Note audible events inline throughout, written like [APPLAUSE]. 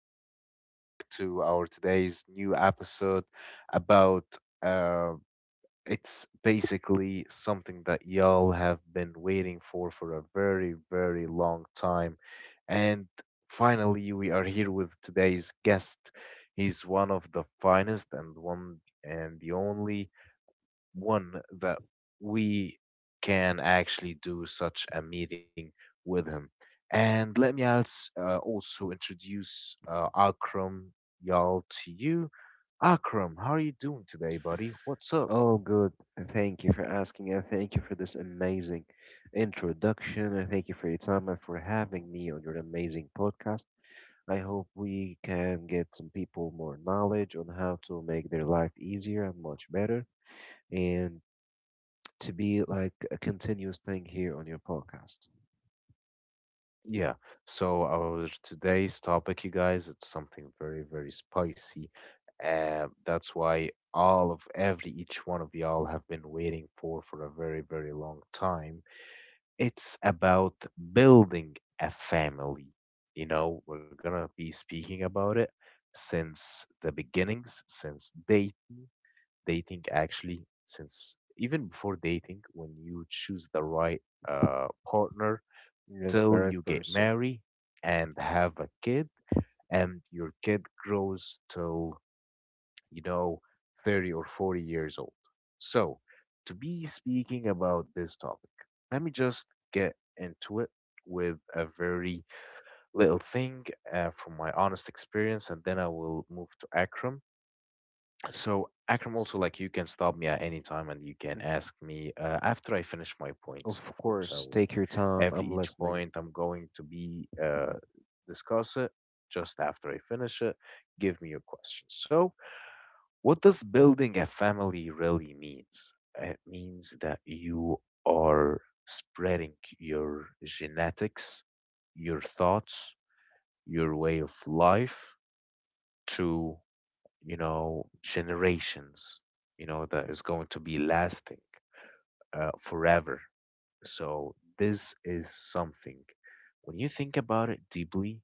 y'all, and welcome back to our today's new episode about uh, it's basically something that y'all have been waiting for a very, very long time. And finally, we are here with today's guest. He's one of the finest and one and the only one that we can actually do such a meeting with him. And let me also introduce Akram Y'all to you. Akram, how are you doing today, buddy? What's up? All good. Thank you for asking, and thank you for this amazing introduction, and thank you for your time and for having me on your amazing podcast. I hope we can get some people more knowledge on how to make their life easier and much better, and to be like a continuous thing here on your podcast. Yeah, so our today's topic, you guys, it's something very, very spicy. That's why all of every each one of y'all have been waiting for a very, very long time. It's about building a family. You know, we're gonna be speaking about it since the beginnings, since dating, dating actually, since even before dating, when you choose the right partner Yes, the till you right get person. married and have a kid, and your kid grows till, you know, 30 or 40 years old. So, to be speaking about this topic, let me just get into it with a very little thing from my honest experience, and then I will move to Akram. So, Akram, also, like, you can stop me at any time and you can Mhm. ask me after I finish my points, Of of course. I course, will, take your time. every I'm each listening. point I'm going to be discuss it just after I finish it. Give me your questions. So, what does building a family really means? It means that you are spreading your genetics, your thoughts, your way of life to, you know, generations, you know, that is going to be lasting forever. So this is something when you think about it deeply,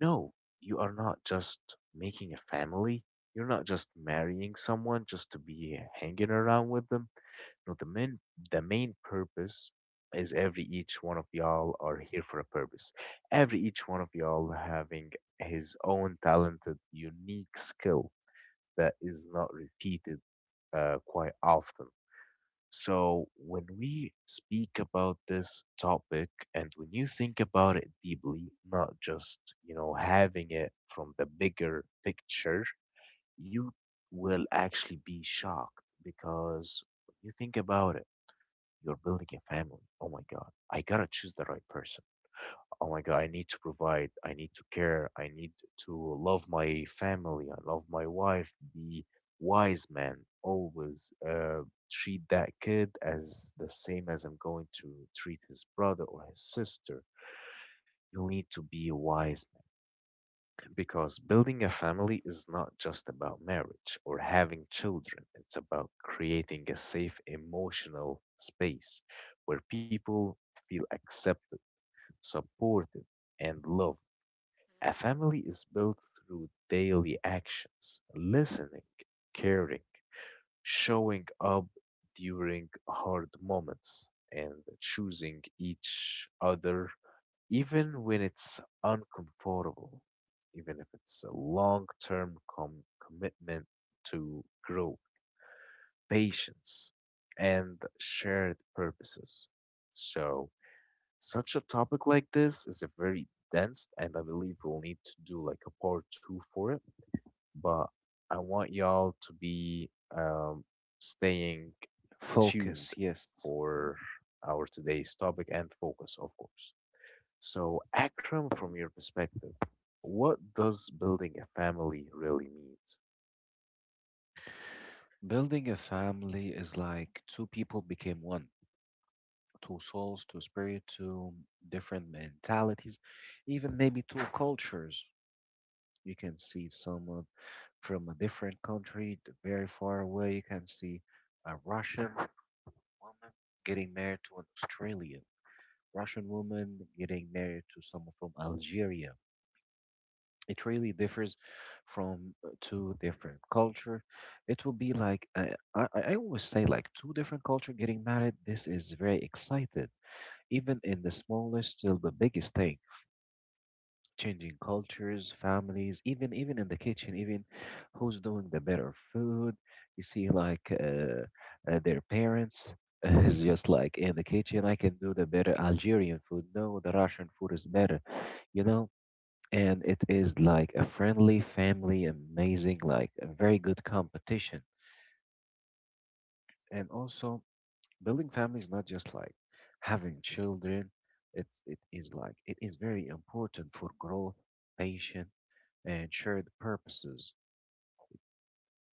no, you are not just making a family. You're not just marrying someone just to be hanging around with them. No, the main purpose is every each one of y'all are here for a purpose. Every each one of y'all having his own talented, unique skill that is not repeated quite often. So, when we speak about this topic and when you think about it deeply, not just, you know, having it from the bigger picture, you will actually be shocked because when you think about it, you're building a family. Oh my God, I gotta choose the right person. Oh my God, I need to provide, I need to care, I need to love my family, I love my wife, be wise man, always, treat that kid as the same as I'm going to treat his brother or his sister. You need to be a wise man because building a family is not just about marriage or having children, it's about creating a safe emotional space where people feel accepted, supported, and loved. A family is built through daily actions, listening, caring, showing up during hard moments, and choosing each other even when it's uncomfortable, even if it's a long term commitment to grow, patience, and shared purposes. So, such a topic like this is a very dense, and I believe we'll need to do like a part two for it. But I want y'all to be um, staying tuned Focus, yes. for our today's topic and focus, of course. So, Akram, from your perspective, what does building a family really mean? Building a family is like two people became one. Two souls, two spirit, two different mentalities, even maybe two cultures. You can see someone from a different country, very far away. You can see a Russian woman getting married to an Australian, Russian woman getting married to someone from Algeria. It really differs from two different culture. It will be like I always say, like two different culture getting married. This is very excited even in the smallest till the biggest thing, changing cultures, families, even in the kitchen, even who's doing the better food. You see, like their parents [LAUGHS] is just like, in the kitchen, "I can do the better Algerian food." "No, the Russian food is better." you know and it is like a friendly family, amazing, like a very good competition. And also, building family is not just like having children. It is like it is very important for growth, patience, and shared purposes.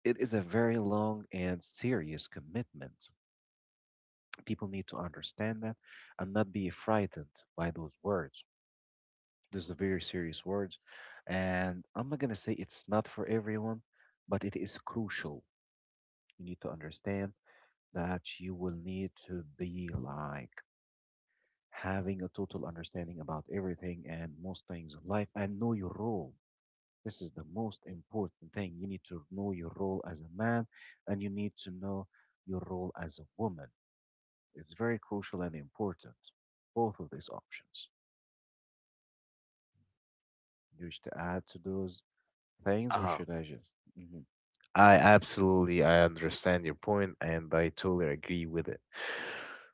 It is a very long and serious commitment. People need to understand that and not be frightened by those words. These are very serious words, and I'm not gonna say it's not for everyone, but it is crucial. You need to understand that you will need to be like having a total understanding about everything and most things in life and know your role. This is the most important thing. You need to know your role as a man and you need to know your role as a woman. It's very crucial and important, both of these options. You wish to add to those things or Uh-huh. should I just? Hmm. I understand your point and I totally agree with it.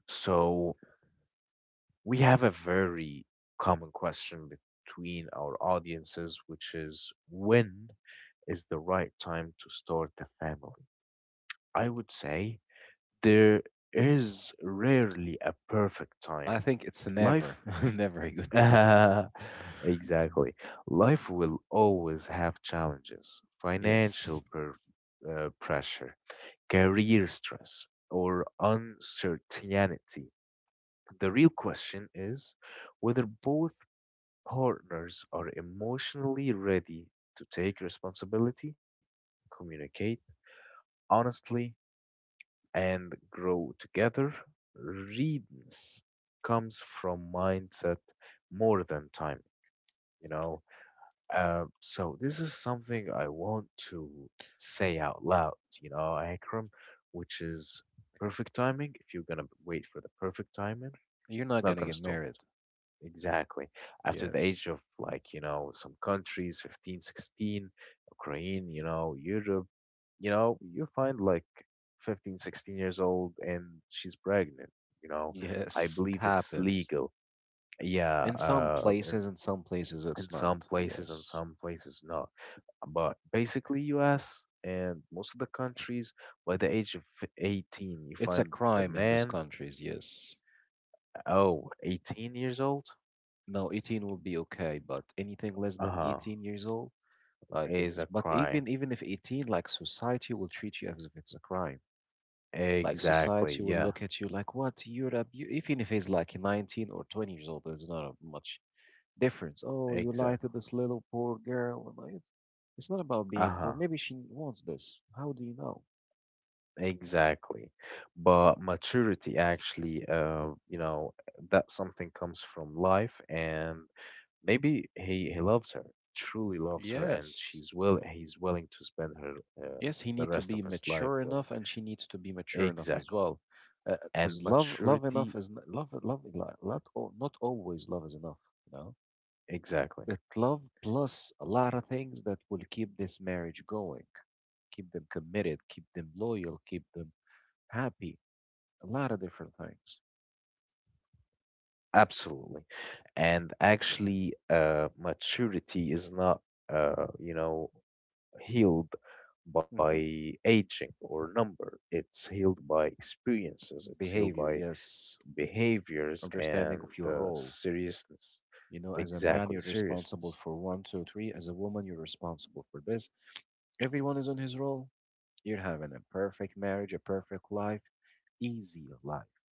So we have a very common question between our audiences, which is when is the right time to start a family? I would say there is rarely a perfect I time. think it's never, Life, [LAUGHS] never a good time. [LAUGHS] Mm. exactly. Life will always have challenges, Yes. Pressure, career stress, or uncertainty. The real question is whether both partners are emotionally ready to take responsibility, communicate honestly, and grow together. Readiness comes from mindset more than time, you know. So this is something I want to say out loud, you know, Akram, which is perfect timing. If you're gonna wait for the perfect timing, You're it's not not going to gonna get start. married. Exactly. After the Yes. age of, like, you know, some countries, 15, 16, Ukraine, you know, Europe, you know, you find like 15, 16 years old and she's pregnant, you know. I Yes, it believe it's happens. legal. Yeah, In some places in it's some not. places, in Yes. some places not. But basically US and most of the countries, by the age of 18, you It's a find the crime in these man. countries, yes. Oh, 18 years old, No, 18 will be okay, but anything less than uh-huh, 18 years old, like it is is. a But crime. even if 18, like society will treat you as if it's a crime. Like Exactly. society will Yeah. look at you like, what? Even if he's like 19 or 20 years old, there's not a much difference. Oh, you lied Exactly. to this little poor girl. It's not about being poor. Uh-huh. Maybe she wants this. How do you know? Exactly. But maturity actually, you know, that something comes from life and maybe he loves her, truly loves her and Yes. she's will he's willing to spend her uh, Yes, he the needs to rest of be his life mature with enough, and she needs to be her. mature enough as Exactly. well. Because And love enough maturity, is love. Not always love is enough. You know, exactly. it love plus a lot of things that will keep this marriage going, keep them committed, keep them loyal, keep them happy. A lot of different things. Absolutely. And actually, maturity is not, you know, healed by Hmm. aging or number. It's healed by experiences. It's healed Behavior, by yes. behaviors Understanding and of your role. seriousness. You know, as a man, Exactly, you're responsible seriousness. for one, two, three. As a woman, you're responsible for this. Everyone is on his role. You're having a perfect marriage, a perfect life, easy life.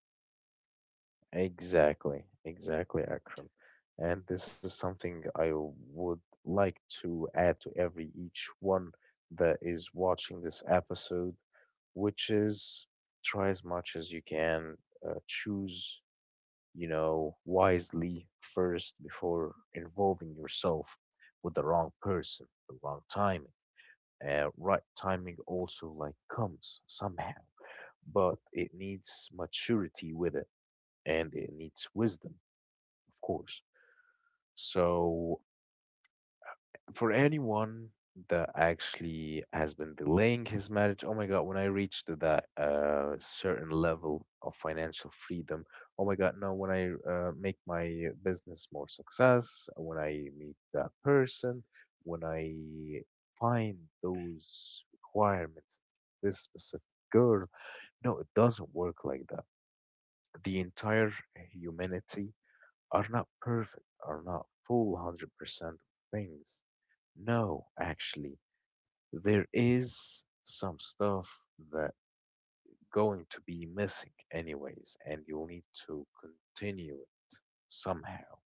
Exactly, exactly, Akram. And this is something I would like to add to every each one that is watching this episode, which is, try as much as you can, choose, you know, wisely first before involving yourself with the wrong person, the wrong timing. Right timing also like comes somehow, but it needs maturity with it and it needs wisdom, of course. So for anyone that actually has been delaying his marriage, oh my God, when I reached to that certain level of financial freedom, oh my God, no, when I make my business more success, when I meet that person, when I find those requirements, this specific girl, no, it doesn't work like that. The entire humanity are not perfect, are not full 100% of things. No, actually, there is some stuff that going to be missing anyways, and you'll need to continue it somehow.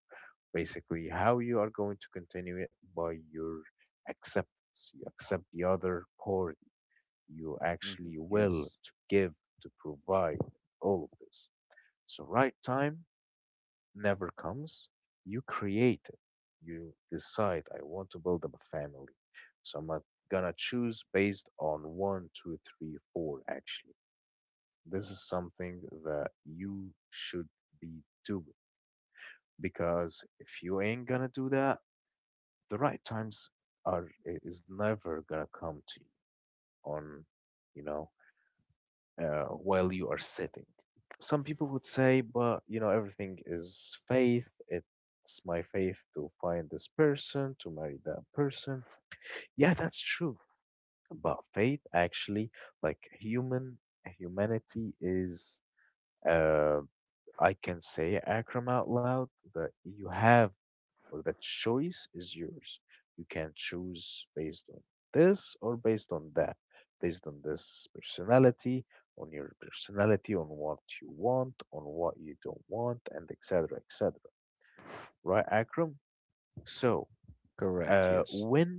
Basically, how you are going to continue it by your acceptance. You accept the other party. You actually Hmm. will Yes. to give, to provide all of this. So right time never comes, you create it. You decide, I want to build up a family. So I'm not gonna choose based on one, two, three, four, actually. This is something that you should be doing because if you ain't gonna do that, the right times is never gonna come to you on, you know, while you are sitting. Some people would say, but, you know, everything is faith. It's my faith to find this person, to marry that person. Yeah, that's true. But faith actually, like humanity is, uh, I can say, Akram, out loud that you have or the choice is yours. You can choose based on this or based on that, based on this personality, on your personality, on what you want, on what you don't want, and etc. etc. Right, Akram? So, Correct, yes. when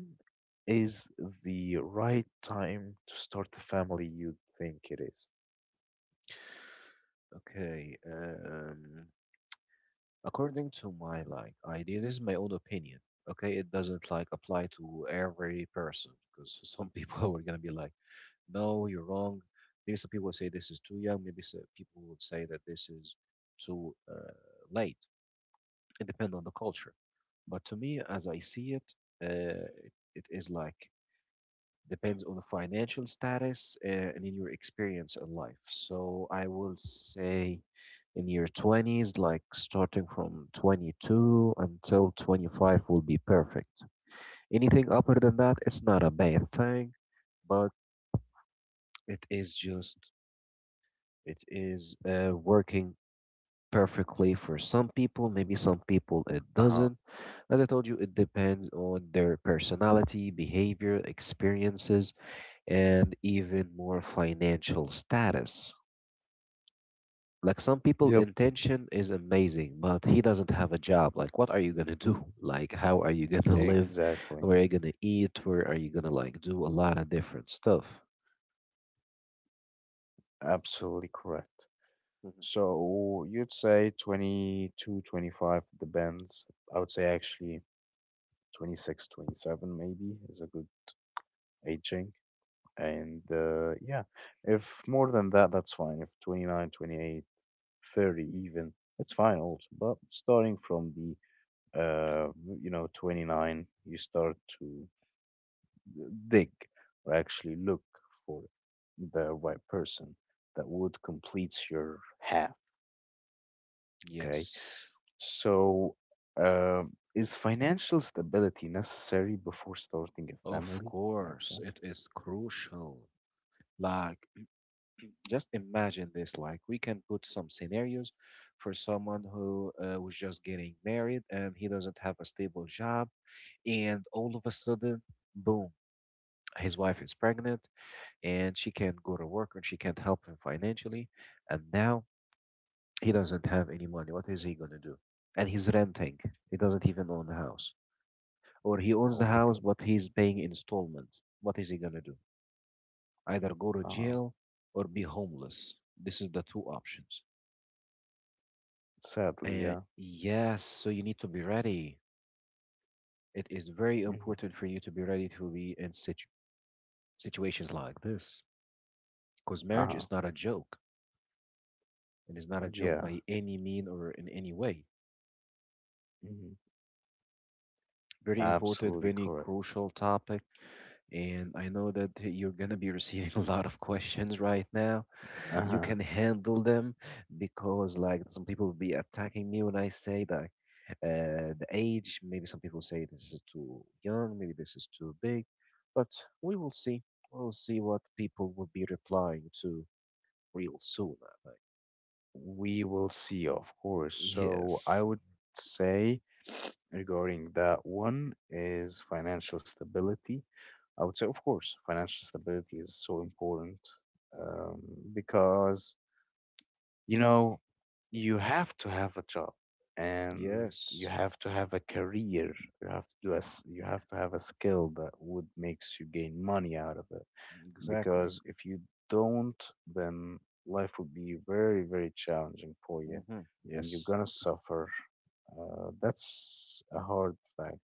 is the right time to start the family you think it is? Okay. According to my like idea, this is my own opinion. Okay, it doesn't like apply to every person because some people [LAUGHS] are gonna be like, no, you're wrong. Maybe some people will say this is too young. Maybe some people will say that this is too late. It depends on the culture. But to me, as I see it, it is like depends on the financial status and in your experience in life. So I will say in your 20s, like starting from 22 until 25 will be perfect. Anything upper than that, it's not a bad thing, but it is just It is working perfectly for some people. Maybe some people it Uh-huh. doesn't. As I told you, it depends on their personality, behavior, experiences, and even more financial status. Like some people, Yep, intention is amazing, but he doesn't have a job. Like, what are you gonna do? [LAUGHS] Like, how are you gonna live? exactly. Where are you gonna eat? Where are you gonna like do a lot of different stuff? Absolutely correct. Mhm. So you'd say 22, 25. 25, depends. I would say actually 26, 27 maybe is a good aging. And yeah, if more than that, that's fine. If 29, 28, 30, even, it's fine also. But starting from the, uh, you know, 29, you start to dig or actually look for the right person that would complete your half. Okay. Yes, So, uh, is financial stability necessary before starting a of family, course, Akram? it is crucial. Like, just imagine this. Like, we can put some scenarios for someone who was just getting married and he doesn't have a stable job, and all of a sudden, boom, his wife is pregnant and she can't go to work and she can't help him financially, and now he doesn't have any money. What is he gonna do? And he's renting. He doesn't even own the house, or he owns Oh the my house God. but he's paying installment. What is he gonna do? Either go to Uh, jail or be homeless. This is the two options. sadly, yeah. Yes, so you need to be ready. It is very Hmm. important for you to be ready to be in situations like this because marriage Uh-huh. is not a joke, and it's not a joke Yeah. by any mean or in any way. Hmm. Very important, Absolutely very correct. crucial topic. And I know that you're going to be receiving [LAUGHS] a lot of questions right now. You Uh-huh. can handle them because, like, some people will be attacking me when I say that the age. Maybe some people say this is too young, maybe this is too big, but we will see. We'll see what people will be replying to real soon, I We will see, of course. think. So, I Yes, would say regarding that one is financial stability. I would say, of course, financial stability is so important, um, because, you know, you have to have a job and you yes, have to have a career, you have to you have to have a skill that would makes you gain money out of it, exactly. because if you don't, then life would be very, very challenging for you, Hmm. and you're Yes. gonna suffer. That's a hard fact.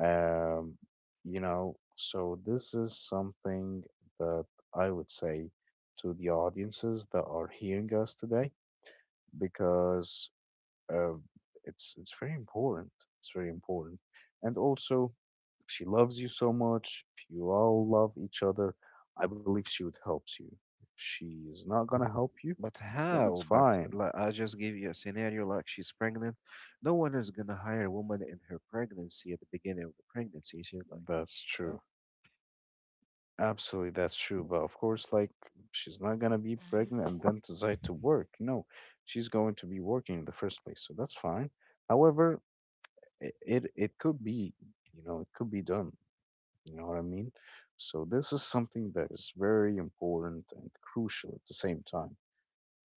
um, you know, so this is something that I would say to the audiences that are hearing us today, because, uh, it's very important. It's very important. And also, if she loves you so much, if you all love each other, I believe she would help you. If she is not gonna help you, But then it's how? But fine. like, I just gave you a scenario like she's pregnant. No one is gonna hire a woman in her pregnancy at the beginning of the pregnancy. She's like, That's you know, true. Absolutely, that's true. But of course, like, she's not gonna be pregnant and then decide to work. No, she's going to be working in the first place, so that's fine. However, it could be, you know, it could be done. You know what I mean? So, this is something that is very important and crucial at the same time.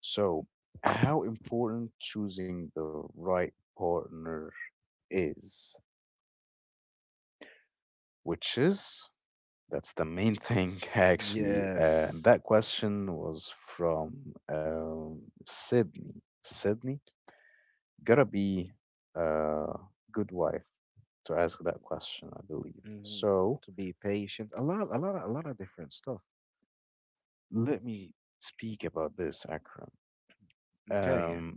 So, how important choosing the right partner is, which is that's the main thing [LAUGHS] actually. And Yes. that question was from Sydney. Sydney, gotta be a good wife to ask that question, I believe. Hmm. So, To be patient, a lot, a lot, a lot of different stuff. let me speak about this, Akram. Okay, Um,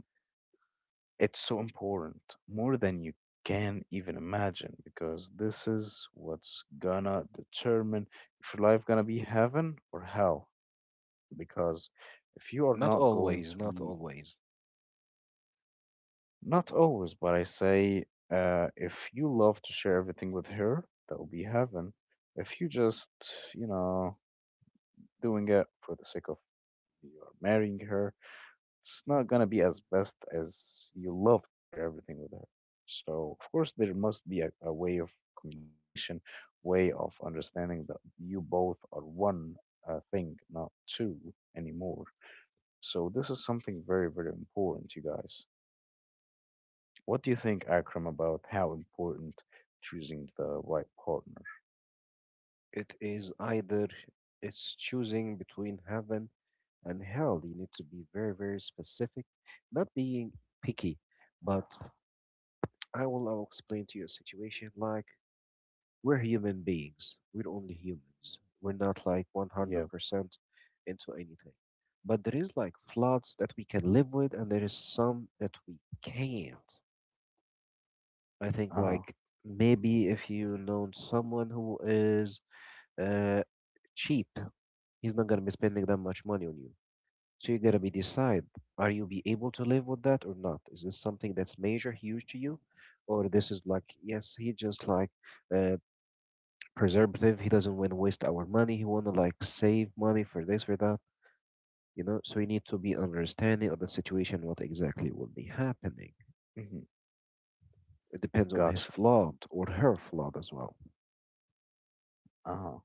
It's so important, more than you can even imagine, because this is what's gonna determine if your life gonna be heaven or hell. Because if you are not not going always, to not be, always. not always, but I say, if you love to share everything with her, that will be heaven. If you just, you know, doing it for the sake of you're marrying her, it's not gonna be as best as you love to share everything with her. So of course there must be a way of communication, way of understanding that you both are one thing, not two anymore. So this is something very, very important, you guys. What do you think, Akram, about how important choosing the right partner? It is either it's choosing between heaven and hell. You need to be very, very specific, not being picky. But I will explain to you a situation like we're human beings. We're only humans. We're not like Yeah. 100% into anything. But there is like floods that we can live with, and there is some that we can't. I think Uh like maybe if you know someone who is uh, cheap. He's not gonna be spending that much money on you. So you gotta be decide: are you be able to live with that or not? Is this something that's major, huge to you, or this is like yes, he just like uh, preservative. He doesn't want to waste our money. He wanna like save money for this for that. You know, so you need to be understanding of the situation, what exactly will be happening. huh. It depends on his Gotcha. flaw or her flaw as well. Uh huh.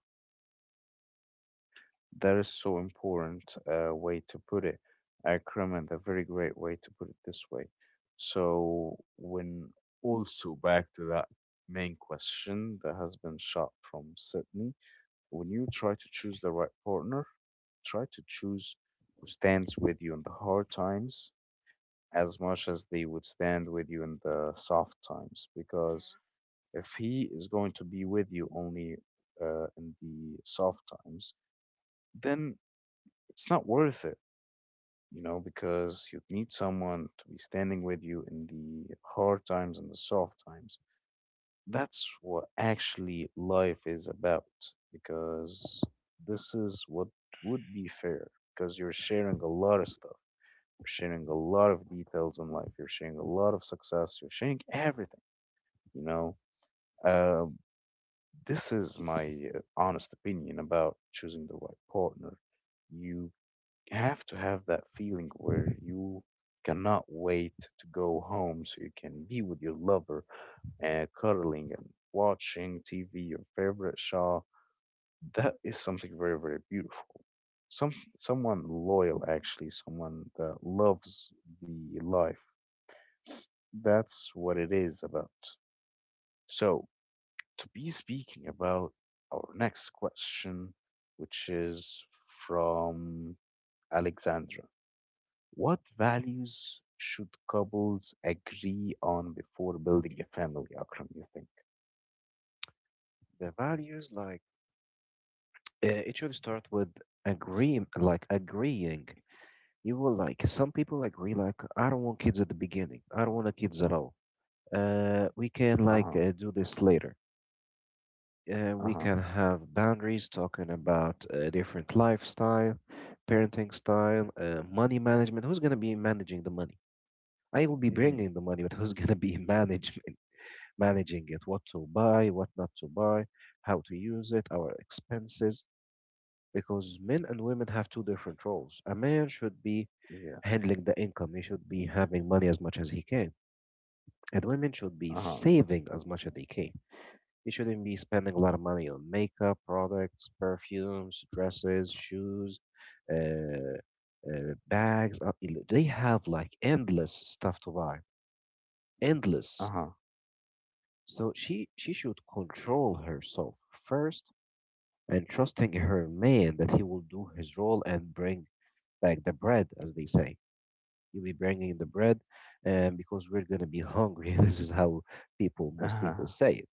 That is so important way to put it. Kermit, a very great way to put it this way. So when also back to that main question that has been shot from Sydney, when you try to choose the right partner, try to choose who stands with you in the hard times as much as they would stand with you in the soft times. Because if he is going to be with you only in the soft times, then it's not worth it, because you need someone to be standing with you in the hard times and the soft times. That's what actually life is about, because this is what would be fair, because you're sharing a lot of stuff. You're sharing a lot of details in life. You're sharing a lot of success. You're sharing everything, you know. Uh, this is my honest opinion about choosing the right partner. You have to have that feeling where you cannot wait to go home so you can be with your lover and cuddling and watching TV, your favorite show. That is something very, very beautiful. Some Someone loyal actually, someone that loves the life. That's what it is about. So to be speaking about our next question, which is from Alexandra. What values should couples agree on before building a family, Akram, you think? The values, like it should start with agreeing. You will like some people like really like, I don't want kids at the beginning. I don't want a kids at all. We can like Uh-huh, do this later. We uh-huh, can have boundaries talking about different lifestyle, parenting style, money management. Who's gonna be managing the money? I will be mm-hmm, bringing the money, but who's gonna be [LAUGHS] managing it? What to buy, what not to buy, how to use it, our expenses. Because men and women have two different roles. A man should be yeah, handling the income. He should be having money as much as he can. And women should uh-huh, be saving as much as they can. They shouldn't be spending a lot of money on makeup, products, perfumes, dresses, shoes, uh, bags. They have like endless stuff to buy, endless. uh-huh, So she should control herself first and trusting her man that he will do his role and bring back the bread, as they say. You'll be bringing the bread, and because we're gonna be hungry. [LAUGHS] This is how people, most uh-huh, people say it.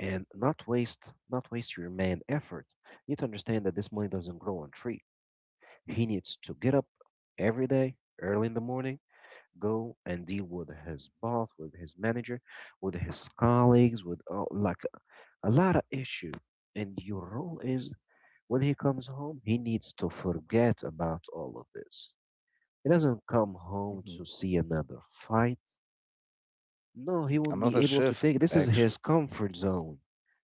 And not waste your man effort. You need to understand that this money doesn't grow on tree. He needs to get up every day, early in the morning, go and deal with his boss, with his manager, with his colleagues, with like a lot of issue. And your role is when he comes home, he needs to forget about all of this. He doesn't come home mm-hmm. to see another fight. No, he won't be Another able to shift, take. This is actually. his comfort zone.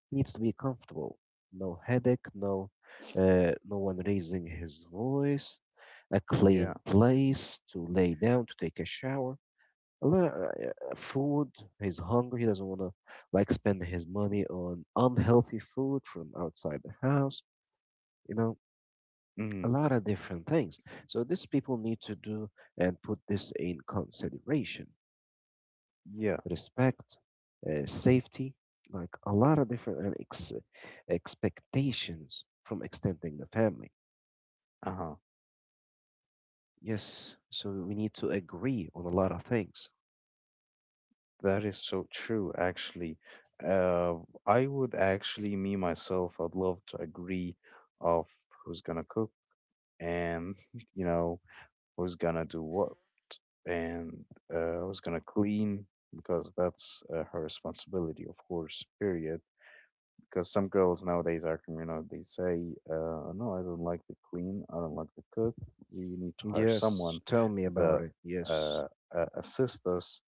He needs to be comfortable. No headache. No, no one raising his voice. A Yeah, clean place to lay down to take a shower. A lot of, food. He's hungry. He doesn't want to like spend his money on unhealthy food from outside the house. You know, a mm-hmm, lot of different things. So these people need to do and put this in consideration. yeah, Respect, safety, like a lot of different and expectations from extending the family. uh-huh. Yes, so we need to agree on a lot of things. That is so true, actually. Uh, I would actually, me myself, I'd love to agree of who's gonna cook and, [LAUGHS] you know, who's gonna do what, and who's gonna clean because that's her responsibility, of course. Period because some girls nowadays are communal. They say, "No, I don't like to clean. I don't like to cook. We need to hire someone Yes, tell me that about it. Yes. uh, assists us."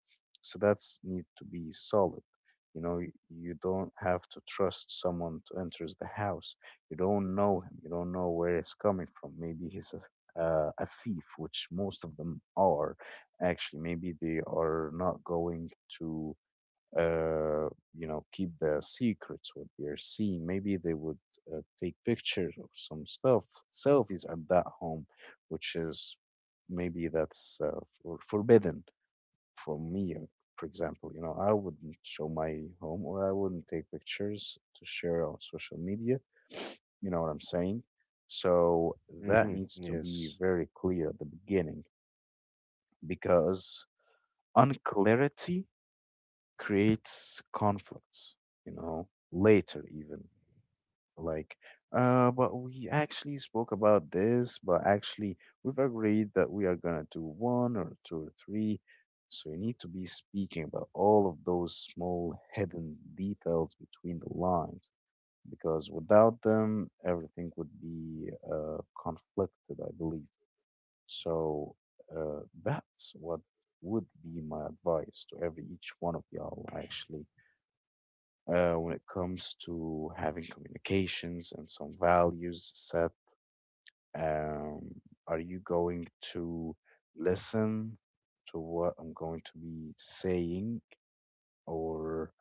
So that's need to be solid. You don't have to trust someone to enters the house. You don't know him. You don't know where he's coming from. Maybe he's a thief, which most of them are. Actually, maybe they are not going to uh, keep the secrets what they're seeing. Maybe they would take pictures of some stuff, selfies at that home, which is maybe that's forbidden for me. For example, you know, I wouldn't show my home or I wouldn't take pictures to share on social media. [SNIFFS] You know what I'm saying? So that Hmm. needs to be Yes. very clear at the beginning because unclarity creates conflicts, you know, later even. Like, but we actually spoke about this, but actually we've agreed that we are gonna do one or two or three. So you need to be speaking about all of those small hidden details between the lines because without them, everything would be conflicted, I believe. So that's what would be my advice to every each one of y'all actually when it comes to having communications and some values set. Um, are you going to listen to what I'm going to be saying, or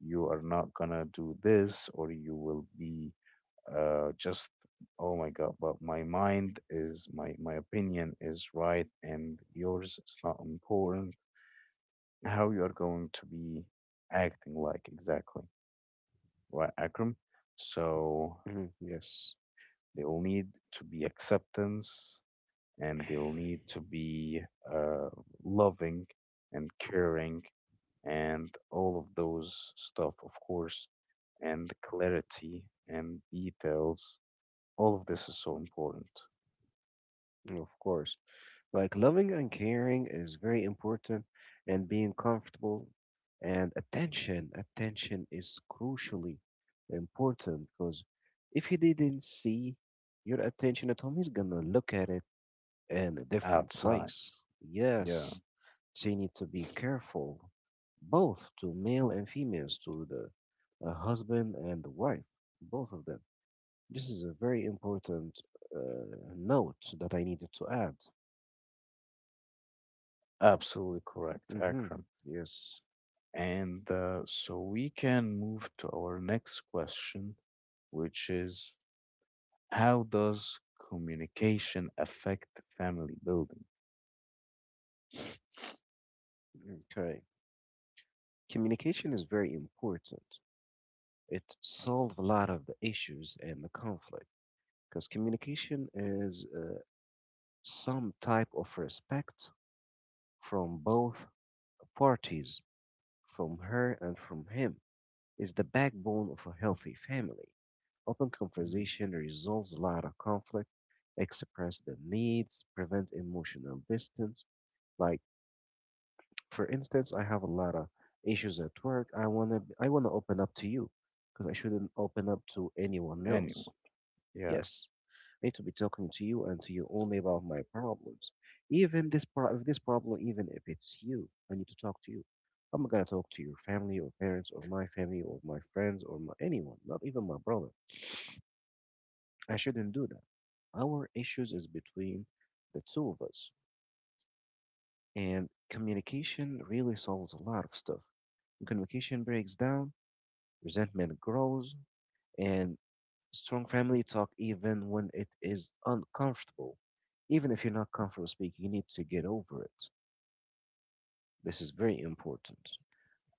you are not gonna do this, or you will be just oh my god, but my mind is my opinion is right and yours is not important. How you are going to be acting like exactly, right, Akram? So Hmm. Yes. they will need to be acceptance and they'll need to be uh, loving and caring and all of those stuff, of course, and clarity and details. All of this is so important Of course. Like loving and caring is very important, and being comfortable and attention. Attention is crucially important because if he didn't see your attention at home, he's gonna look at it in a different outside. place. Yeah, Yes, so you need to be careful, both to male and females, to the husband and the wife, both of them. This is a very important note that I needed to add. absolutely correct, Hmm. Akram. Yes. And so we can move to our next question, which is how does communication affect family building? Okay. Communication is very important. It solves a lot of the issues and the conflict because communication is some type of respect from both parties, from her and from him, is the backbone of a healthy family. Open Mm-hmm. conversation resolves a lot of conflict, express the needs, prevent emotional distance. Like for instance, I have a lot of issues at work. I wanna open up to you because I shouldn't open up to anyone else. Anyone. Yeah, Yes, I need to be talking to you and to you only about my problems. Even this if this problem, even if it's you, I need to talk to you. I'm not gonna talk to your family or parents or my family or my friends or my, anyone, not even my brother. I shouldn't do that. Our issues is between the two of us, and communication really solves a lot of stuff. Communication breaks down, resentment grows, and strong family talk even when it is uncomfortable. Even if you're not comfortable speaking, you need to get over it. This is very important.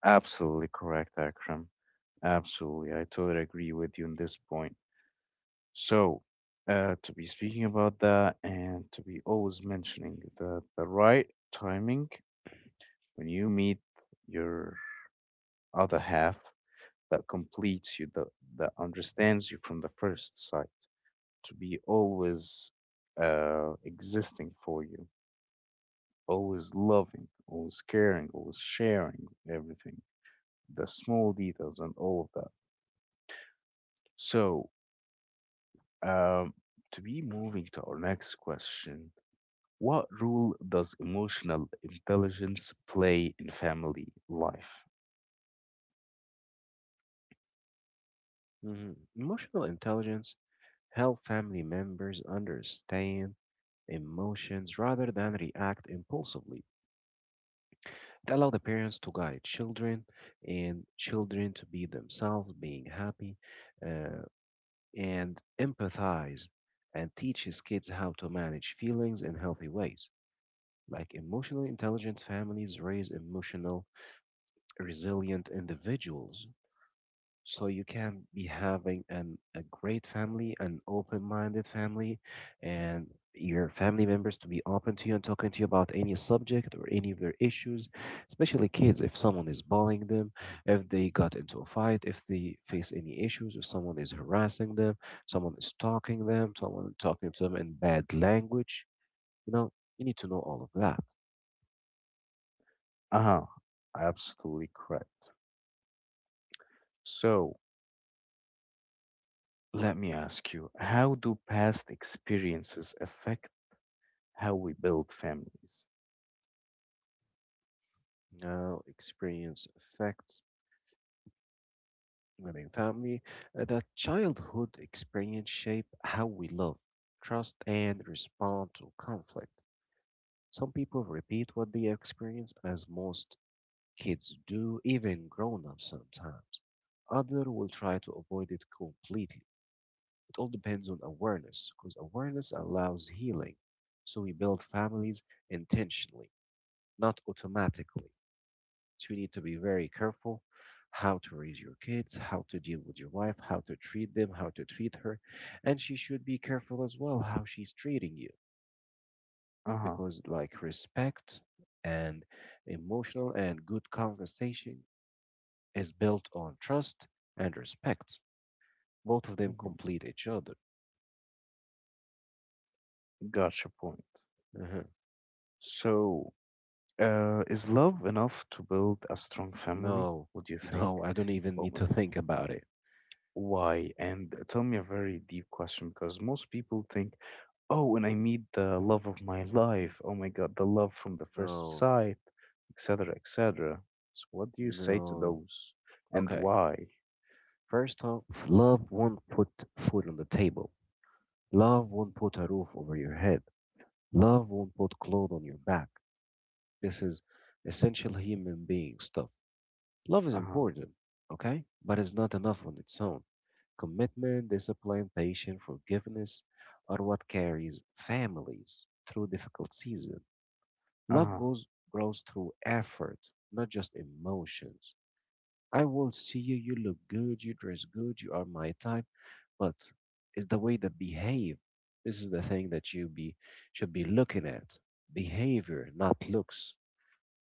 absolutely correct, Akram. Absolutely. I totally agree with you on this point. So, to be speaking about that and to be always mentioning the right timing when you meet your other half that completes you, that understands you from the first sight, to be always existing for you, always loving, always caring, always sharing everything the small details and all of that. So, um, to be moving to our next question, what role does emotional intelligence play in family life? Mhm. Emotional intelligence help family members understand emotions rather than react impulsively. It allows the parents to guide children and children to be themselves, being happy, uh, and empathize and teaches kids how to manage feelings in healthy ways. Like emotionally intelligent families raise emotional, resilient individuals, so you can be having an a great family, an open-minded family, and your family members to be open to you and talking to you about any subject or any of their issues, especially kids. If someone is bullying them, if they got into a fight, if they face any issues, if someone is harassing them, someone is stalking them, someone talking to them in bad language, you know, you need to know all of that. Uh huh, absolutely correct. So, let me ask you, how do past experiences affect how we build families? Now, experience affects within family. That childhood experience shape how we love, trust, and respond to conflict. Some people repeat what they experience as most kids do, even grown ups sometimes. Others will try to avoid it completely. It all depends on awareness, because awareness allows healing. So we build families intentionally, not automatically. So you need to be very careful how to raise your kids, how to deal with your wife, how to treat them, how to treat her. And she should be careful as well how she's treating you, Uh huh. because like respect and emotional and good conversation is built on trust and respect. Both of them complete each other. Gotcha. Point. Uh-huh. So, is love enough to build a strong family? No, What do you [LAUGHS] think? no, I don't even Oh need my to God. think about it. Why? And tell me a very deep question because most people think, oh, when I meet the love of my Mm. life, oh my God, the love from the first No, sight, etc., etc. So, what do you say to no. those? And Okay. why? First off, love won't put food on the table. Love won't put a roof over your head. Love won't put clothes on your back. This is essential human being stuff. Love is Uh huh. important, okay? But it's not enough on its own. Commitment, discipline, patience, forgiveness are what carries families through difficult seasons. Uh Love huh. goes grows through effort, not just emotions. I will see you, you look good, you dress good, you are my type, but it's the way that behave. This is the thing that you be should be looking at. Behavior, not looks.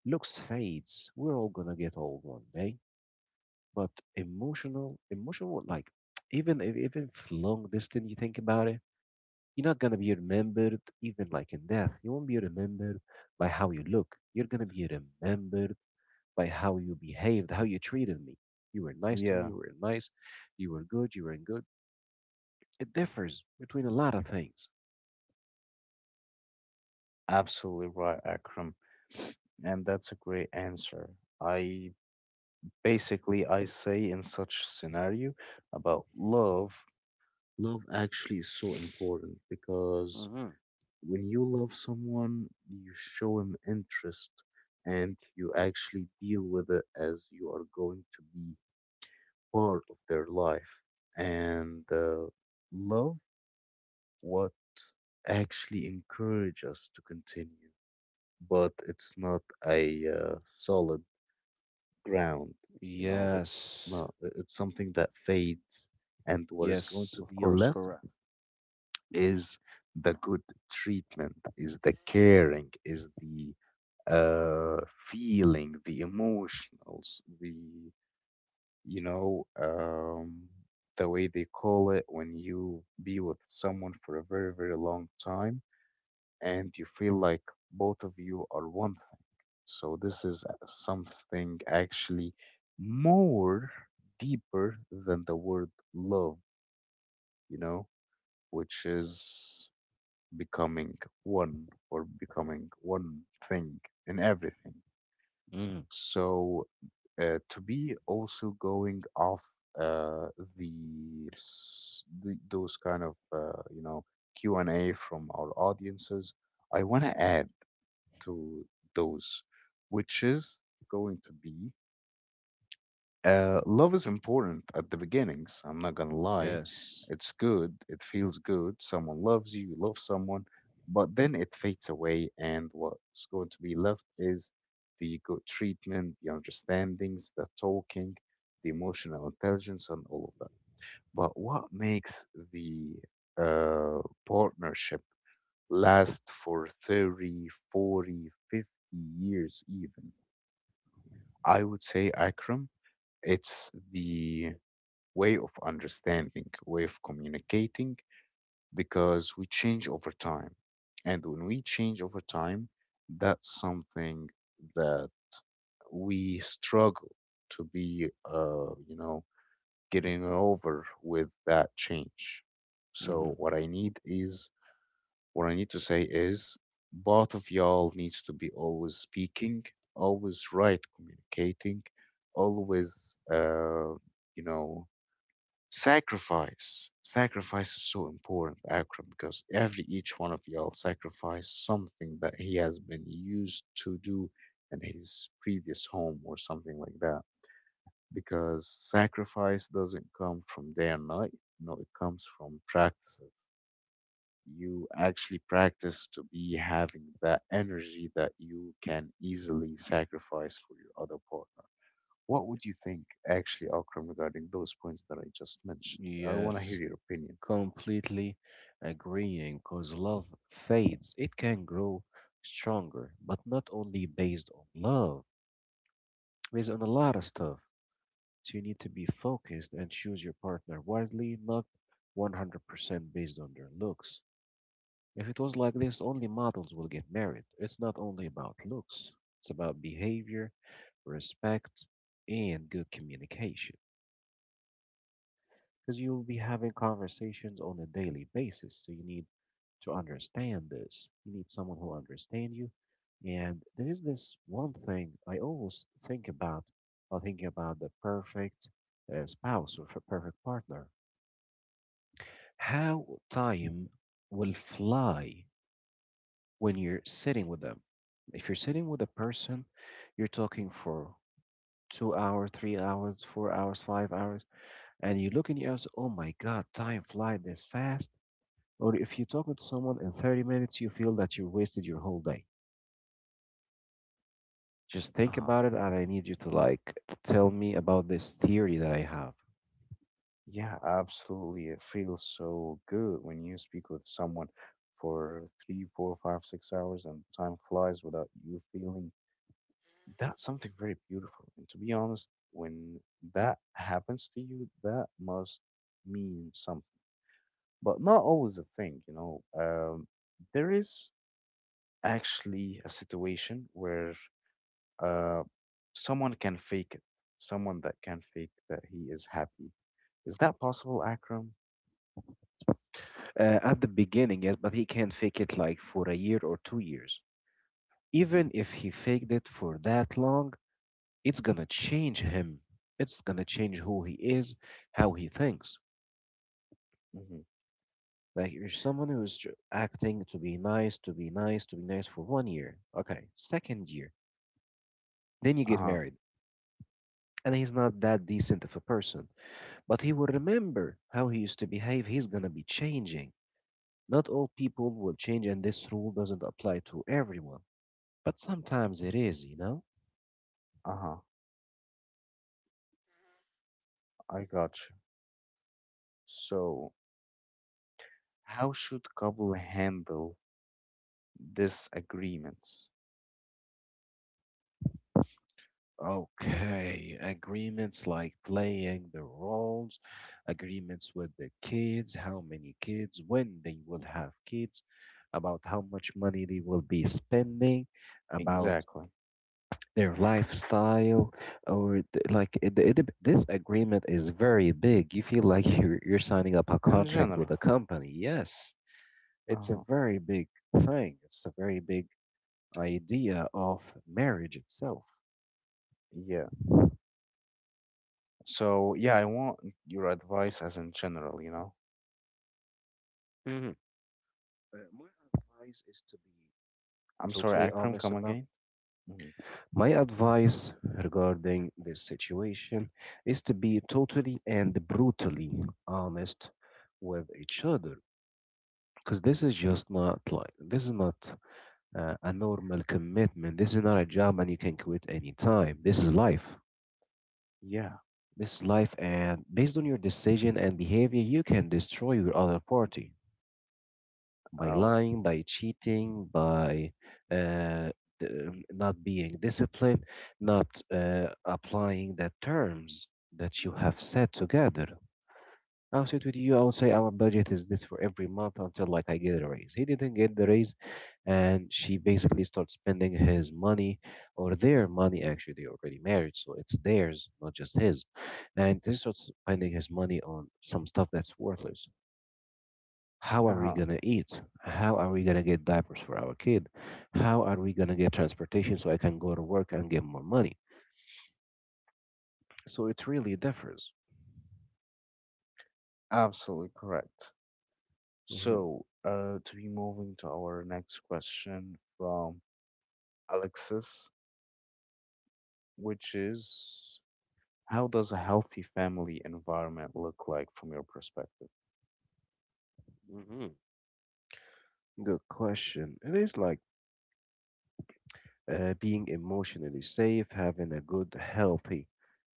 Looks fades. We're all gonna get old one day, but emotional, emotional, like [TSK] even if long distance, you think about it, you're not gonna be remembered even like in death. You won't be remembered by how you look. You're gonna be remembered by how you behaved, how you treated me. You were nice to me. Yeah. You were nice. You were good. You were good. It differs between a lot of things. Absolutely right, Akram. And that's a great answer. I basically I say in such scenario about love, love actually is so important because Hmm. when you love someone, you show him interest and you actually deal with it as you are going to be part of their life. And love what actually encourage us to continue, but it's not a solid ground. You know, it's Yes. not, it's something that fades. And what is going Yes, to of be course, left correct. is the good treatment, is the caring, is the feeling, the emotionals, you know, um, the way they call it when you be with someone for a very, very long time and you feel like both of you are one thing. So this is something actually more deeper than the word love, you know, which is becoming one or becoming one thing in everything. Mm, So to be also going off uh, the, s- the those kind of Q and A from our audiences, I want to add to those, which is going to be love is important at the beginnings. I'm not gonna lie. yes. It's good, it feels good. Someone loves you, you love someone, but then it fades away, and what's going to be left is the good treatment, the understandings, the talking, the emotional intelligence, and all of that. But what makes the uh, partnership last for 30, 40, 50 years even. I would say Akram, it's the way of understanding, way of communicating, because we change over time. And when we change over time, that's something that we struggle to be, getting over with that change. So Hmm. What I need to say is both of y'all needs to be always speaking, always right communicating, always you know sacrifice. Sacrifice is so important, Akram, because every each one of y'all sacrificed something that he has been used to do in his previous home or something like that. Because sacrifice doesn't come from day and night. No, it comes from practices you actually practice to be having that energy that you can easily sacrifice for your other partner. What would you think, actually, Akram, regarding those points that I just mentioned? I want to hear Yes. your opinion. Completely agreeing because love fades. It can grow stronger, but not only based on love, based on a lot of stuff. So you need to be focused and choose your partner wisely, not 100% based on their looks. If it was like this, only models will get married. It's not only about looks, it's about behavior, respect, and good communication. Because you'll be having conversations on a daily basis, so you need to understand this. You need someone who understands you. And there is this one thing I always think about while thinking about the perfect spouse or perfect partner. How time will fly when you're sitting with them. If you're sitting with a person, you're talking for 2 hours, 3 hours, 4 hours, 5 hours, and you look in your eyes, oh my God, time flies this fast. Or if you're talking to someone in 30 minutes, you feel that you wasted your whole day. Just Uh think huh. about it, and I need you to like tell me about this theory that I have. Yeah, absolutely. It feels so good when you speak with someone for 3, 4, 5, 6 hours and time flies without you feeling that's something very beautiful. And to be honest, when that happens to you, that must mean something, but not always a thing, you know. There is actually a situation where uh, someone can fake it, someone that can fake that he is happy. Is that possible, Akram? At the beginning, yes, but he can't fake it like for a year or 2 years. Mm-hmm, Even if he faked it for that long, it's gonna change him. It's gonna change who he is, how he thinks. mm-hmm. Like you're someone who's acting to be nice, to be nice, to be nice for 1 year. Okay, second year, then you get Uh-huh, married, and he's not that decent of a person. But he will remember how he used to behave. He's gonna be changing. Not all people will change, and this rule doesn't apply to everyone. But sometimes it is, you know? uh-huh. I got you. So, how should couple handle disagreements? Okay, agreements like playing the roles, agreements with the kids, how many kids, when they will have kids, about how much money they will be spending, about Exactly. their lifestyle or like this agreement is very big. You feel like [LAUGHS] you're signing up a In contract with general. a company. Yes, it's a Uh-huh. very big thing. It's a very big idea of marriage itself. Yeah. So, yeah, I want your advice as in general, you know? Hmm. My advice is to be I'm sorry, totally Akram, honest come about. again? Hmm. My advice regarding this situation is to be totally and brutally honest with each other, because this is just not like this is not a normal commitment. This is not a job and you can quit anytime. This is life. Yeah. This is life, and based on your decision and behavior, you can destroy your other party by Oh, lying, by cheating, by uh, not being disciplined, not applying the terms that you have set together. I'll sit with you. I'll say our budget is this for every month until like I get a raise. He didn't get the raise, and she basically starts spending his money or their money. Actually, they already married, so it's theirs, not just his. And they start spending his money on some stuff that's worthless. How are we uh-huh. gonna eat? How are we gonna get diapers for our kid? How are we gonna get transportation so I can go to work and get more money? So it really differs. Absolutely correct. Hmm. So, to be moving to our next question from Alexis, which is, how does a healthy family environment look like from your perspective? Hmm. Good question. It is like being emotionally safe, having a good, healthy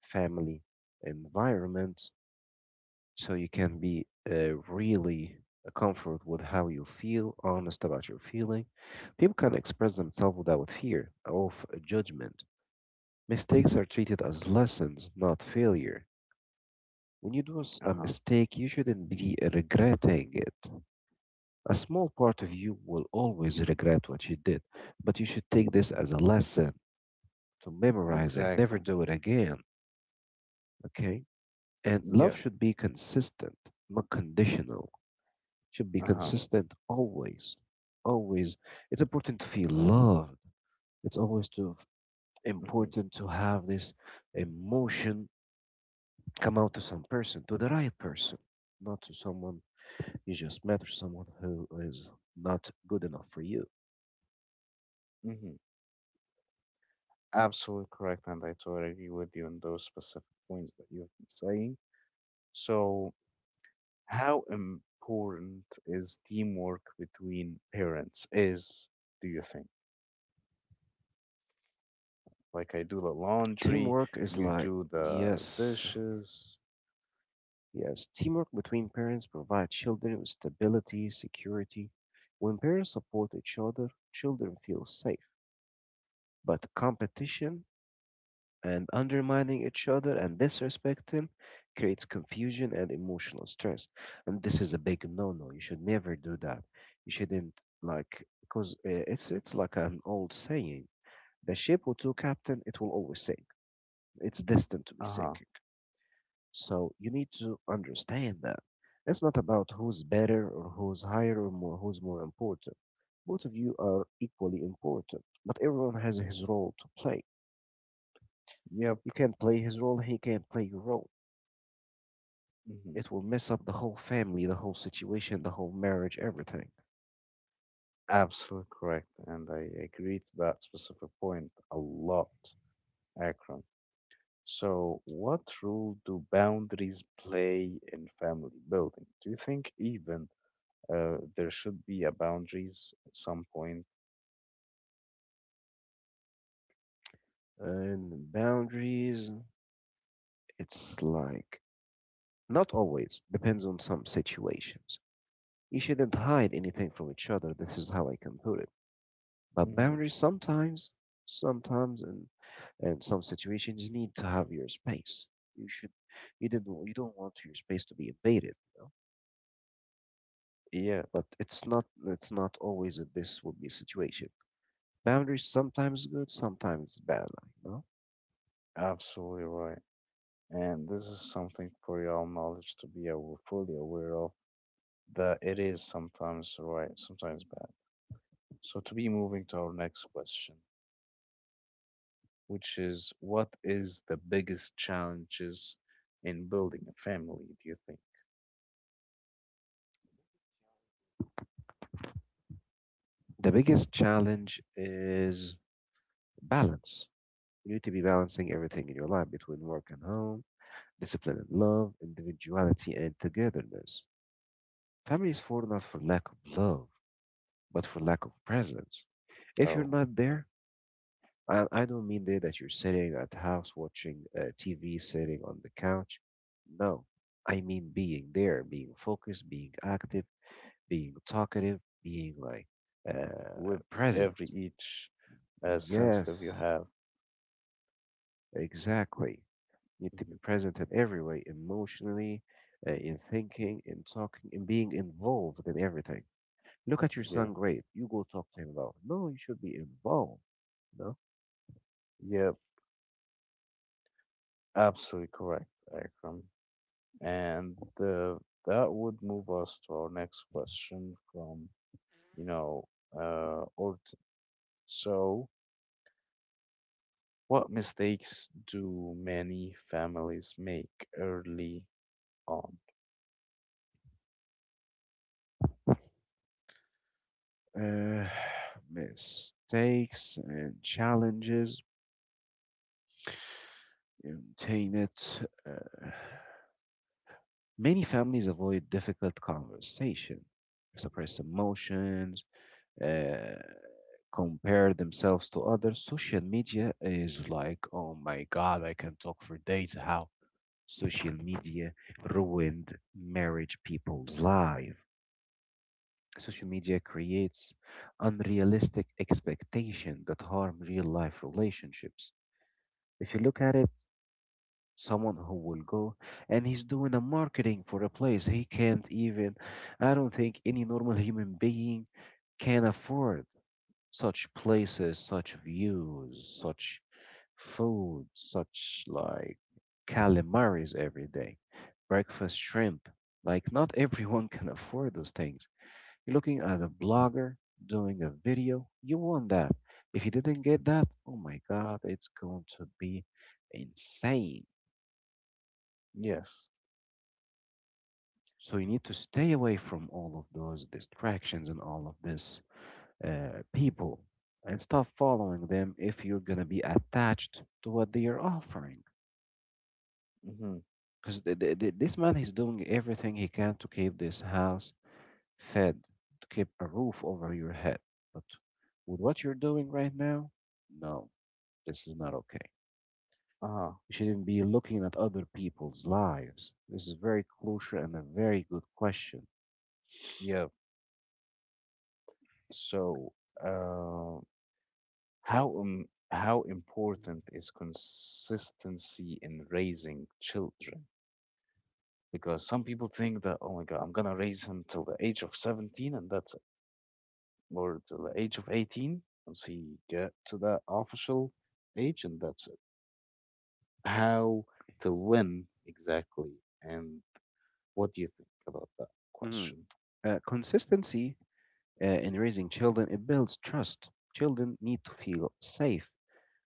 family environment, so you can be really comfort with how you feel, honest about your feeling. People can express themselves without fear of judgment. Mistakes are treated as lessons, not failure. When you do a Uh-huh. mistake, you shouldn't be regretting it. A small part of you will always regret what you did, but you should take this as a lesson to memorize it, never Exactly. do it again. Okay. And love Yep. should be consistent, not conditional. It should be Uh-huh. consistent always. Always. It's important to feel loved. It's always to Mm-hmm. important to have this emotion come out to some person, to the right person, not to someone you just met or someone who is not good enough for you. Mm-hmm. Absolutely correct, and I totally agree with you on those specific points that you've been saying. So, how important is teamwork between parents is, do you think? Like I do the laundry, Teamwork is you like do the yes, dishes. yes, teamwork between parents provides children with stability, security. When parents support each other, children feel safe. But competition and undermining each other and disrespecting creates confusion and emotional stress. And this is a big no-no. You should never do that. You shouldn't like because it's like an old saying: "The ship with two captain, it will always sink. It's destined to be Uh-huh. sink." So you need to understand that it's not about who's better or who's higher or more, who's more important. Both of you are equally important, but everyone has his role to play. Yep. You can't play his role, he can't play your role. Hmm. It will mess up the whole family, the whole situation, the whole marriage, everything. Absolutely correct. And I agree to that specific point a lot, Akram. So, what role do boundaries play in family building? Do you think even there should be a boundaries at some point? And boundaries, it's like not always, depends on some situations. You shouldn't hide anything from each other. This is how I can put it. But Mm-hmm. boundaries sometimes, sometimes and and some situations you need to have your space. You should you don't want your space to be invaded, you know? Yeah, But it's not always that this will be situation. Boundaries sometimes good, sometimes bad, like, you know? absolutely right. And this is something for your knowledge to be fully aware of that it is sometimes right, sometimes bad. So, to be moving to our next question, which is what is the biggest challenges in building a family, do you think? The biggest challenge is balance. You need to be balancing everything in your life between work and home, discipline and love, individuality and togetherness. Families fall not for lack of love, but for lack of presence. If you're Oh, not there, I don't mean there that you're sitting at house watching TV, sitting on the couch. No, I mean being there, being focused, being active, being talkative, being like with present. every each sensitive you Yes, have. exactly. You need to be Mhm. present in every way, emotionally, in thinking, in talking, in being involved in everything. Look at your Yeah, son, great. You go talk to him about. No, you should be involved. No. yeah, absolutely correct, Akram. And that would move us to our next question from, you know, or so, what mistakes do many families make early on? uh, Mistakes and challenges contain it. Uh, Many families avoid difficult conversation, suppress emotions, uh, compare themselves to others. Social media is like, oh my God, I can talk for days. How social media ruined marriage people's life. Social media creates unrealistic expectation that harm real life relationships. If you look at it, someone who will go and he's doing a marketing for a place he can't even, I don't think any normal human being can afford such places, such views, such food, such like calamaris every day, breakfast shrimp. Like, not everyone [LAUGHS] can afford those things. You're looking at a blogger doing a video, you want that. If you didn't get that, oh my God, it's going to be insane. Yes. So you need to stay away from all of those distractions and all of this people and stop following them if you're going to be attached to what they are offering. Mm-hmm. Because th th th this man is doing everything he can to keep this house fed, to keep a roof over your head. But with what you're doing right now, no, this is not okay. Uh-huh. You shouldn't be looking at other people's lives. This is very crucial and a very good question. Yeah. So, uh, how Mm. important is consistency in raising children? Because some people think that, oh my God, I'm gonna raise him till the age of 17 and that's it, or till the age of 18 once he get to that official age and that's it. How to when exactly and what do you think about that Mhm. question? Consistency in raising children, it builds trust. Children need to feel safe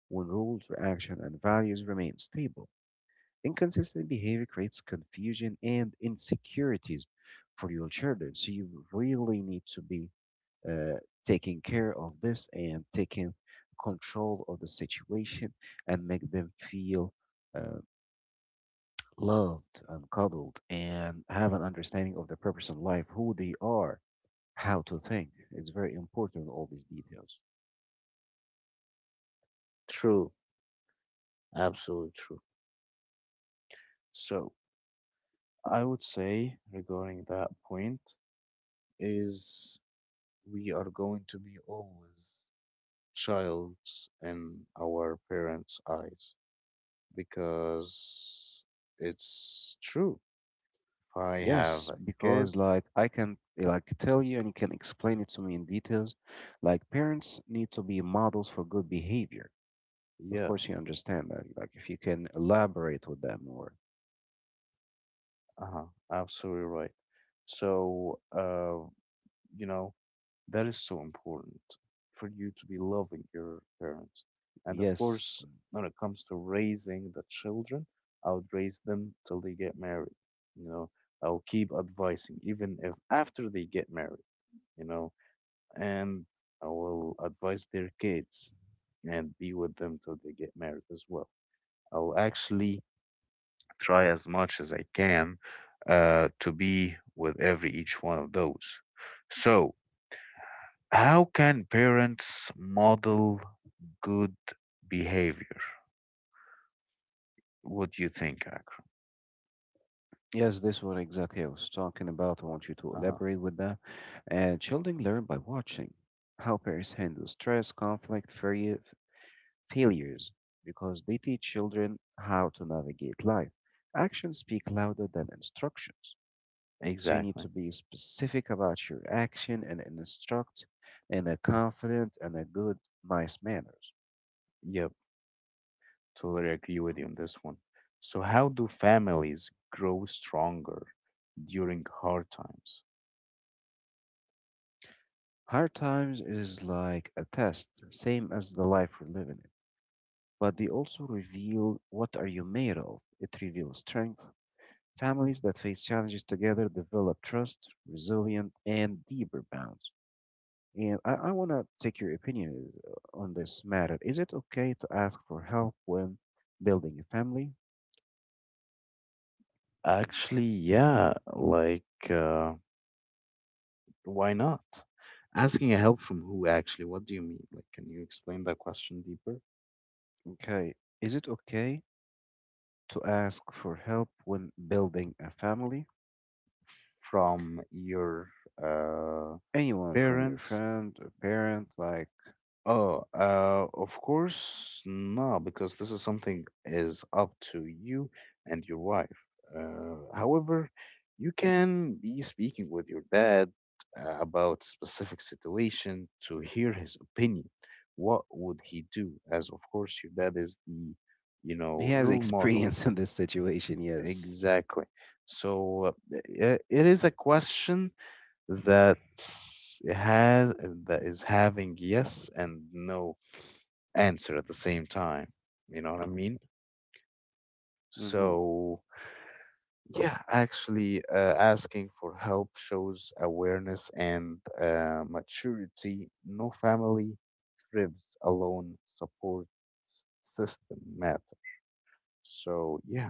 when rules, reaction, and values remain stable. Inconsistent behavior creates confusion and insecurities for your children. So you really need to be uh, taking care of this and taking control of the situation and make them feel uh, loved and cuddled and have an understanding of their purpose in life, who they are, how to think. It's very important, all these details. True, absolutely true. So I would say regarding that point is we are going to be always childs in our parents' eyes because it's true. If I have Yes, a kid, because like I can like tell you and you can explain it to me in details. Like parents need to be models for good behavior. Of yeah, course, you understand that. Like if you can elaborate with them more. uh-huh, absolutely right. So you know, that is so important for you to be loving your parents. And of course, Yes, when it comes to raising the children, I would raise them till they get married. You know, I'll keep advising, even if after they get married, you know, and I will advise their kids and be with them till they get married as well. I'll actually try as much as I can to be with every each one of those. So, how can parents model good behavior? What do you think, Akram? yes, this what exactly I was talking about. I want you to Uh-huh. elaborate with that. And children learn by watching how parents handle stress, conflict, failures, because they teach children how to navigate life. Actions speak louder than instructions. So you need to Exactly. be specific about your action and instruct in a confident and a good, nice manners. Yep. Totally agree with you on this one. So, how do families grow stronger during hard times? Hard times is like a test, same as the life we're living in. But they also reveal what are you made of. It reveals strength. Families that face challenges together develop trust, resilience, and deeper bonds. And I want to take your opinion on this matter. Is it okay to ask for help when building a family? Actually, yeah. Like, why not? Asking a help from who? Actually, what do you mean? Like, can you explain that question deeper? Okay. Is it okay to ask for help when building a family? From your uh, Anyone from your parents. friend or parent, like Oh, of course, not, because this is something is up to you and your wife. However, you can be speaking with your dad about specific situation to hear his opinion. What would he do? As of course, your dad is the, you he know, has [LAUGHS] role model. experience in this situation, yes. Exactly. So it is a question that has that is having yes and no answer at the same time. You know what I mean? Hmm. So, yeah, actually, asking for help shows awareness and maturity. No family thrives alone, support system matter. So, yeah.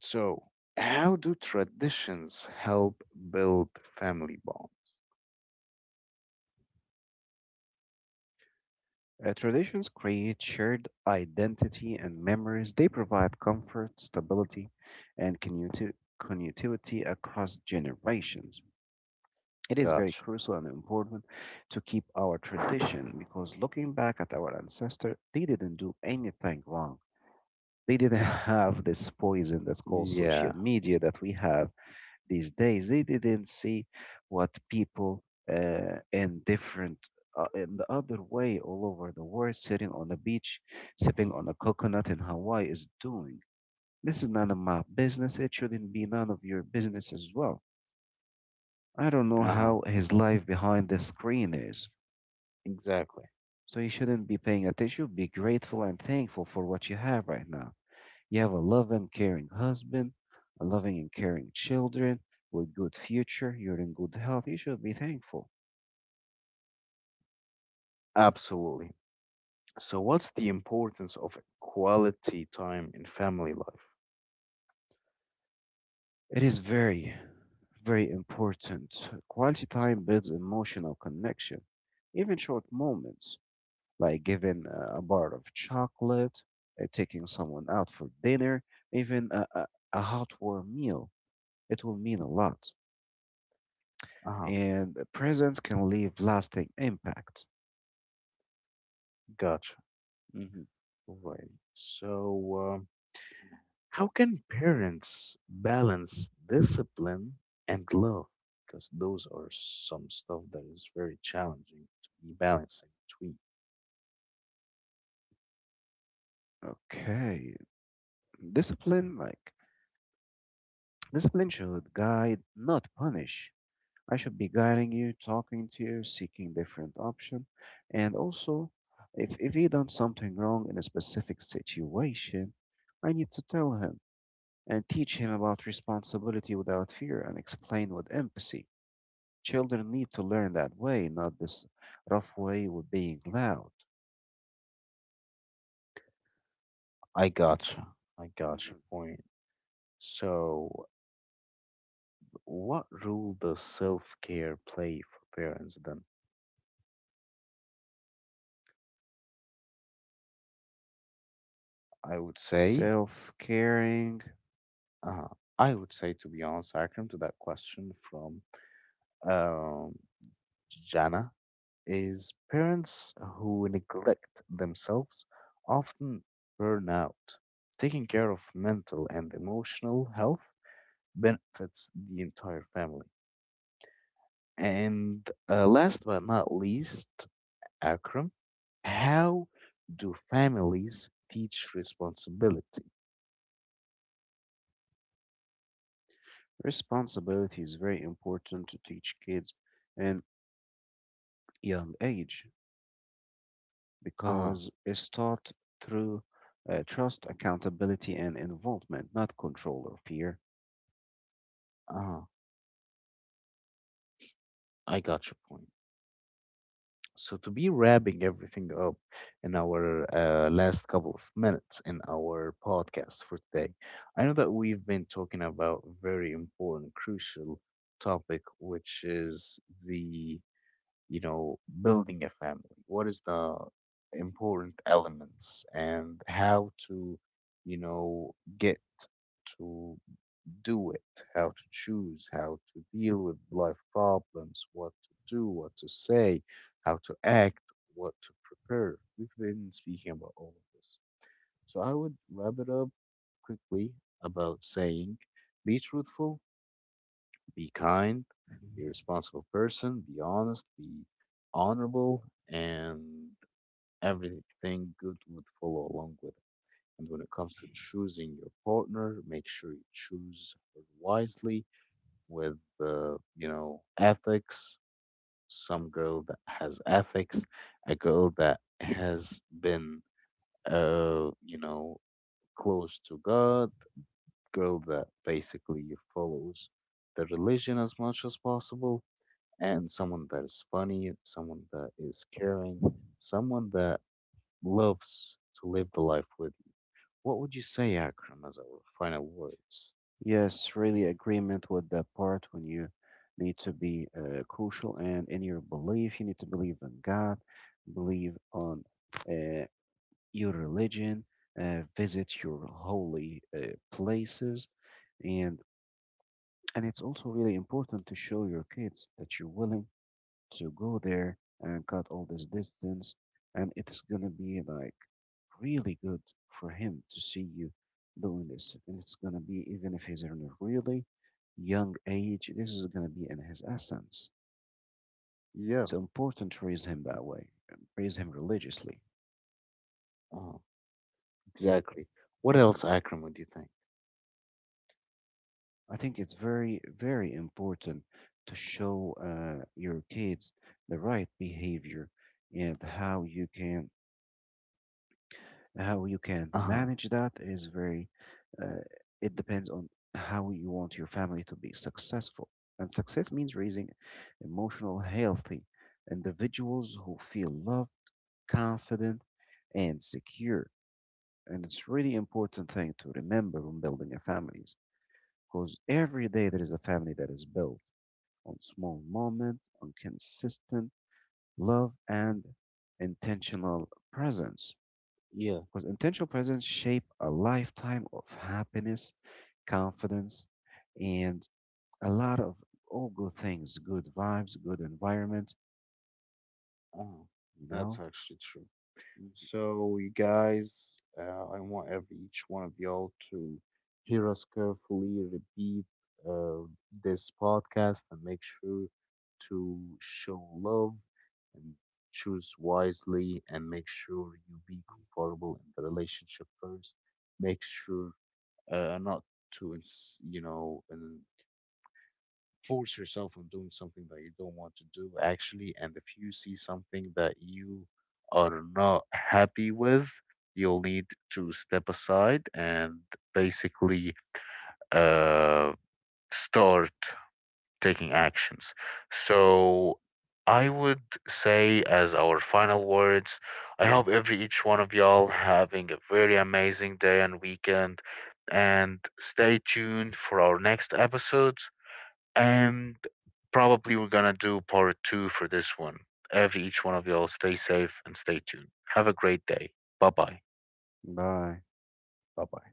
So, how do traditions help build family bond? Traditions create shared identity and memories. They provide comfort, stability, and continuity across generations. It is very Gotcha. crucial and important to keep our tradition because looking back at our ancestor, they didn't do anything wrong. They didn't have this poison that's called social Yeah. media that we have these days. They didn't see what people in different, in the other way, all over the world, sitting on a beach, sipping on a coconut in Hawaii is doing. This is none of my business. It shouldn't be none of your business as well. I don't know Uh huh. how his life behind the screen is. Exactly. So you shouldn't be paying attention. Be grateful and thankful for what you have right now. You have a loving, caring husband, a loving and caring children with good future. You're in good health. You should be thankful. Absolutely. So, what's the importance of quality time in family life? It is very, very important. Quality time builds emotional connection. Even short moments, like giving a bar of chocolate, taking someone out for dinner, even a hot warm meal, it will mean a lot. Ah, And presence can leave lasting impact. gotcha. Hmm. Alrighty. So, how can parents balance discipline and love? Because those are some stuff that is very challenging to be balancing between. Okay, discipline, like Discipline should guide, not punish. I should be guiding you, talking to you, seeking different option, and also, if he done something wrong in a specific situation, I need to tell him and teach him about responsibility without fear and explain with empathy. Children need to learn that way, not this rough way with being loud. I gotcha. I gotcha. Hmm. Point. So, what role does self care play for parents then? I would say, Self caring uh, I would say, to be honest, Akram, to that question from um, Jana is parents who neglect themselves often burn out. Taking care of mental and emotional health benefits the entire family. And last but not least, Akram, how do families teach responsibility? responsibility is very important to teach kids in young age, Uh huh, because it's taught through trust, accountability, and involvement, not control or fear. uh huh, I got your point. So, to be wrapping everything up in our last couple of minutes in our podcast for today, I know that we've been talking about very important, crucial topic, which is the, you know, building a family. What is the important elements and how to, you know, get to do it, how to choose, how to deal with life problems, what to do, what to say, how to act, what to prepare. We've been speaking about all of this. So I would wrap it up quickly about saying be truthful, be kind, be a responsible person, be honest, be honorable, and everything good would follow along with it. And when it comes to choosing your partner, make sure you choose her wisely with you know ethics, some girl that has ethics, a girl that has been you know close to God, girl that basically follows the religion as much as possible, and someone that is funny, someone that is caring, someone that loves to live the life with you. What would you say, Akram, as our final words? Yes, really agreement with that part when you need to be crucial and in your belief, you need to believe in God, believe on uh, your religion, visit your holy places, and it's also really important to show your kids that you're willing to go there and cut all this distance. And it's gonna be like really good for him to see you doing this. And it's gonna be, even if he's in a really young age, this is gonna be in his essence. Yeah. It's important to raise him that way, and raise him religiously. Oh, exactly. What Hmm. else, Akram, would you think? I think it's very, very important to show your kids the right behavior and how you can Uh huh. manage that is very, uh, it depends on how you want your family to be successful. And success means raising emotional, healthy individuals who feel loved, confident, and secure. And it's really important thing to remember when building a families, because every day there is a family that is built on small moment, on consistent love and intentional presence. Yeah. Because intentional presence shape a lifetime of happiness, confidence, and a lot of all good things, good vibes, good environment, Oh, you that's know? actually true. Mhm. So, you guys, I want every each one of y'all to hear us carefully, repeat uh, this podcast, and make sure to show love and choose wisely, and make sure you be comfortable in the relationship first. Make sure not to, you know, and force yourself on doing something that you don't want to do actually and if you see something that you are not happy with you'll need to step aside and basically uh, start taking actions so I would say as our final words I hope every each one of y'all having a very amazing day and weekend and stay tuned for our next episodes. And probably we're gonna do part two for this one. Every each one of y'all stay safe and stay tuned. Have a great day. Bye bye. Bye. Bye bye.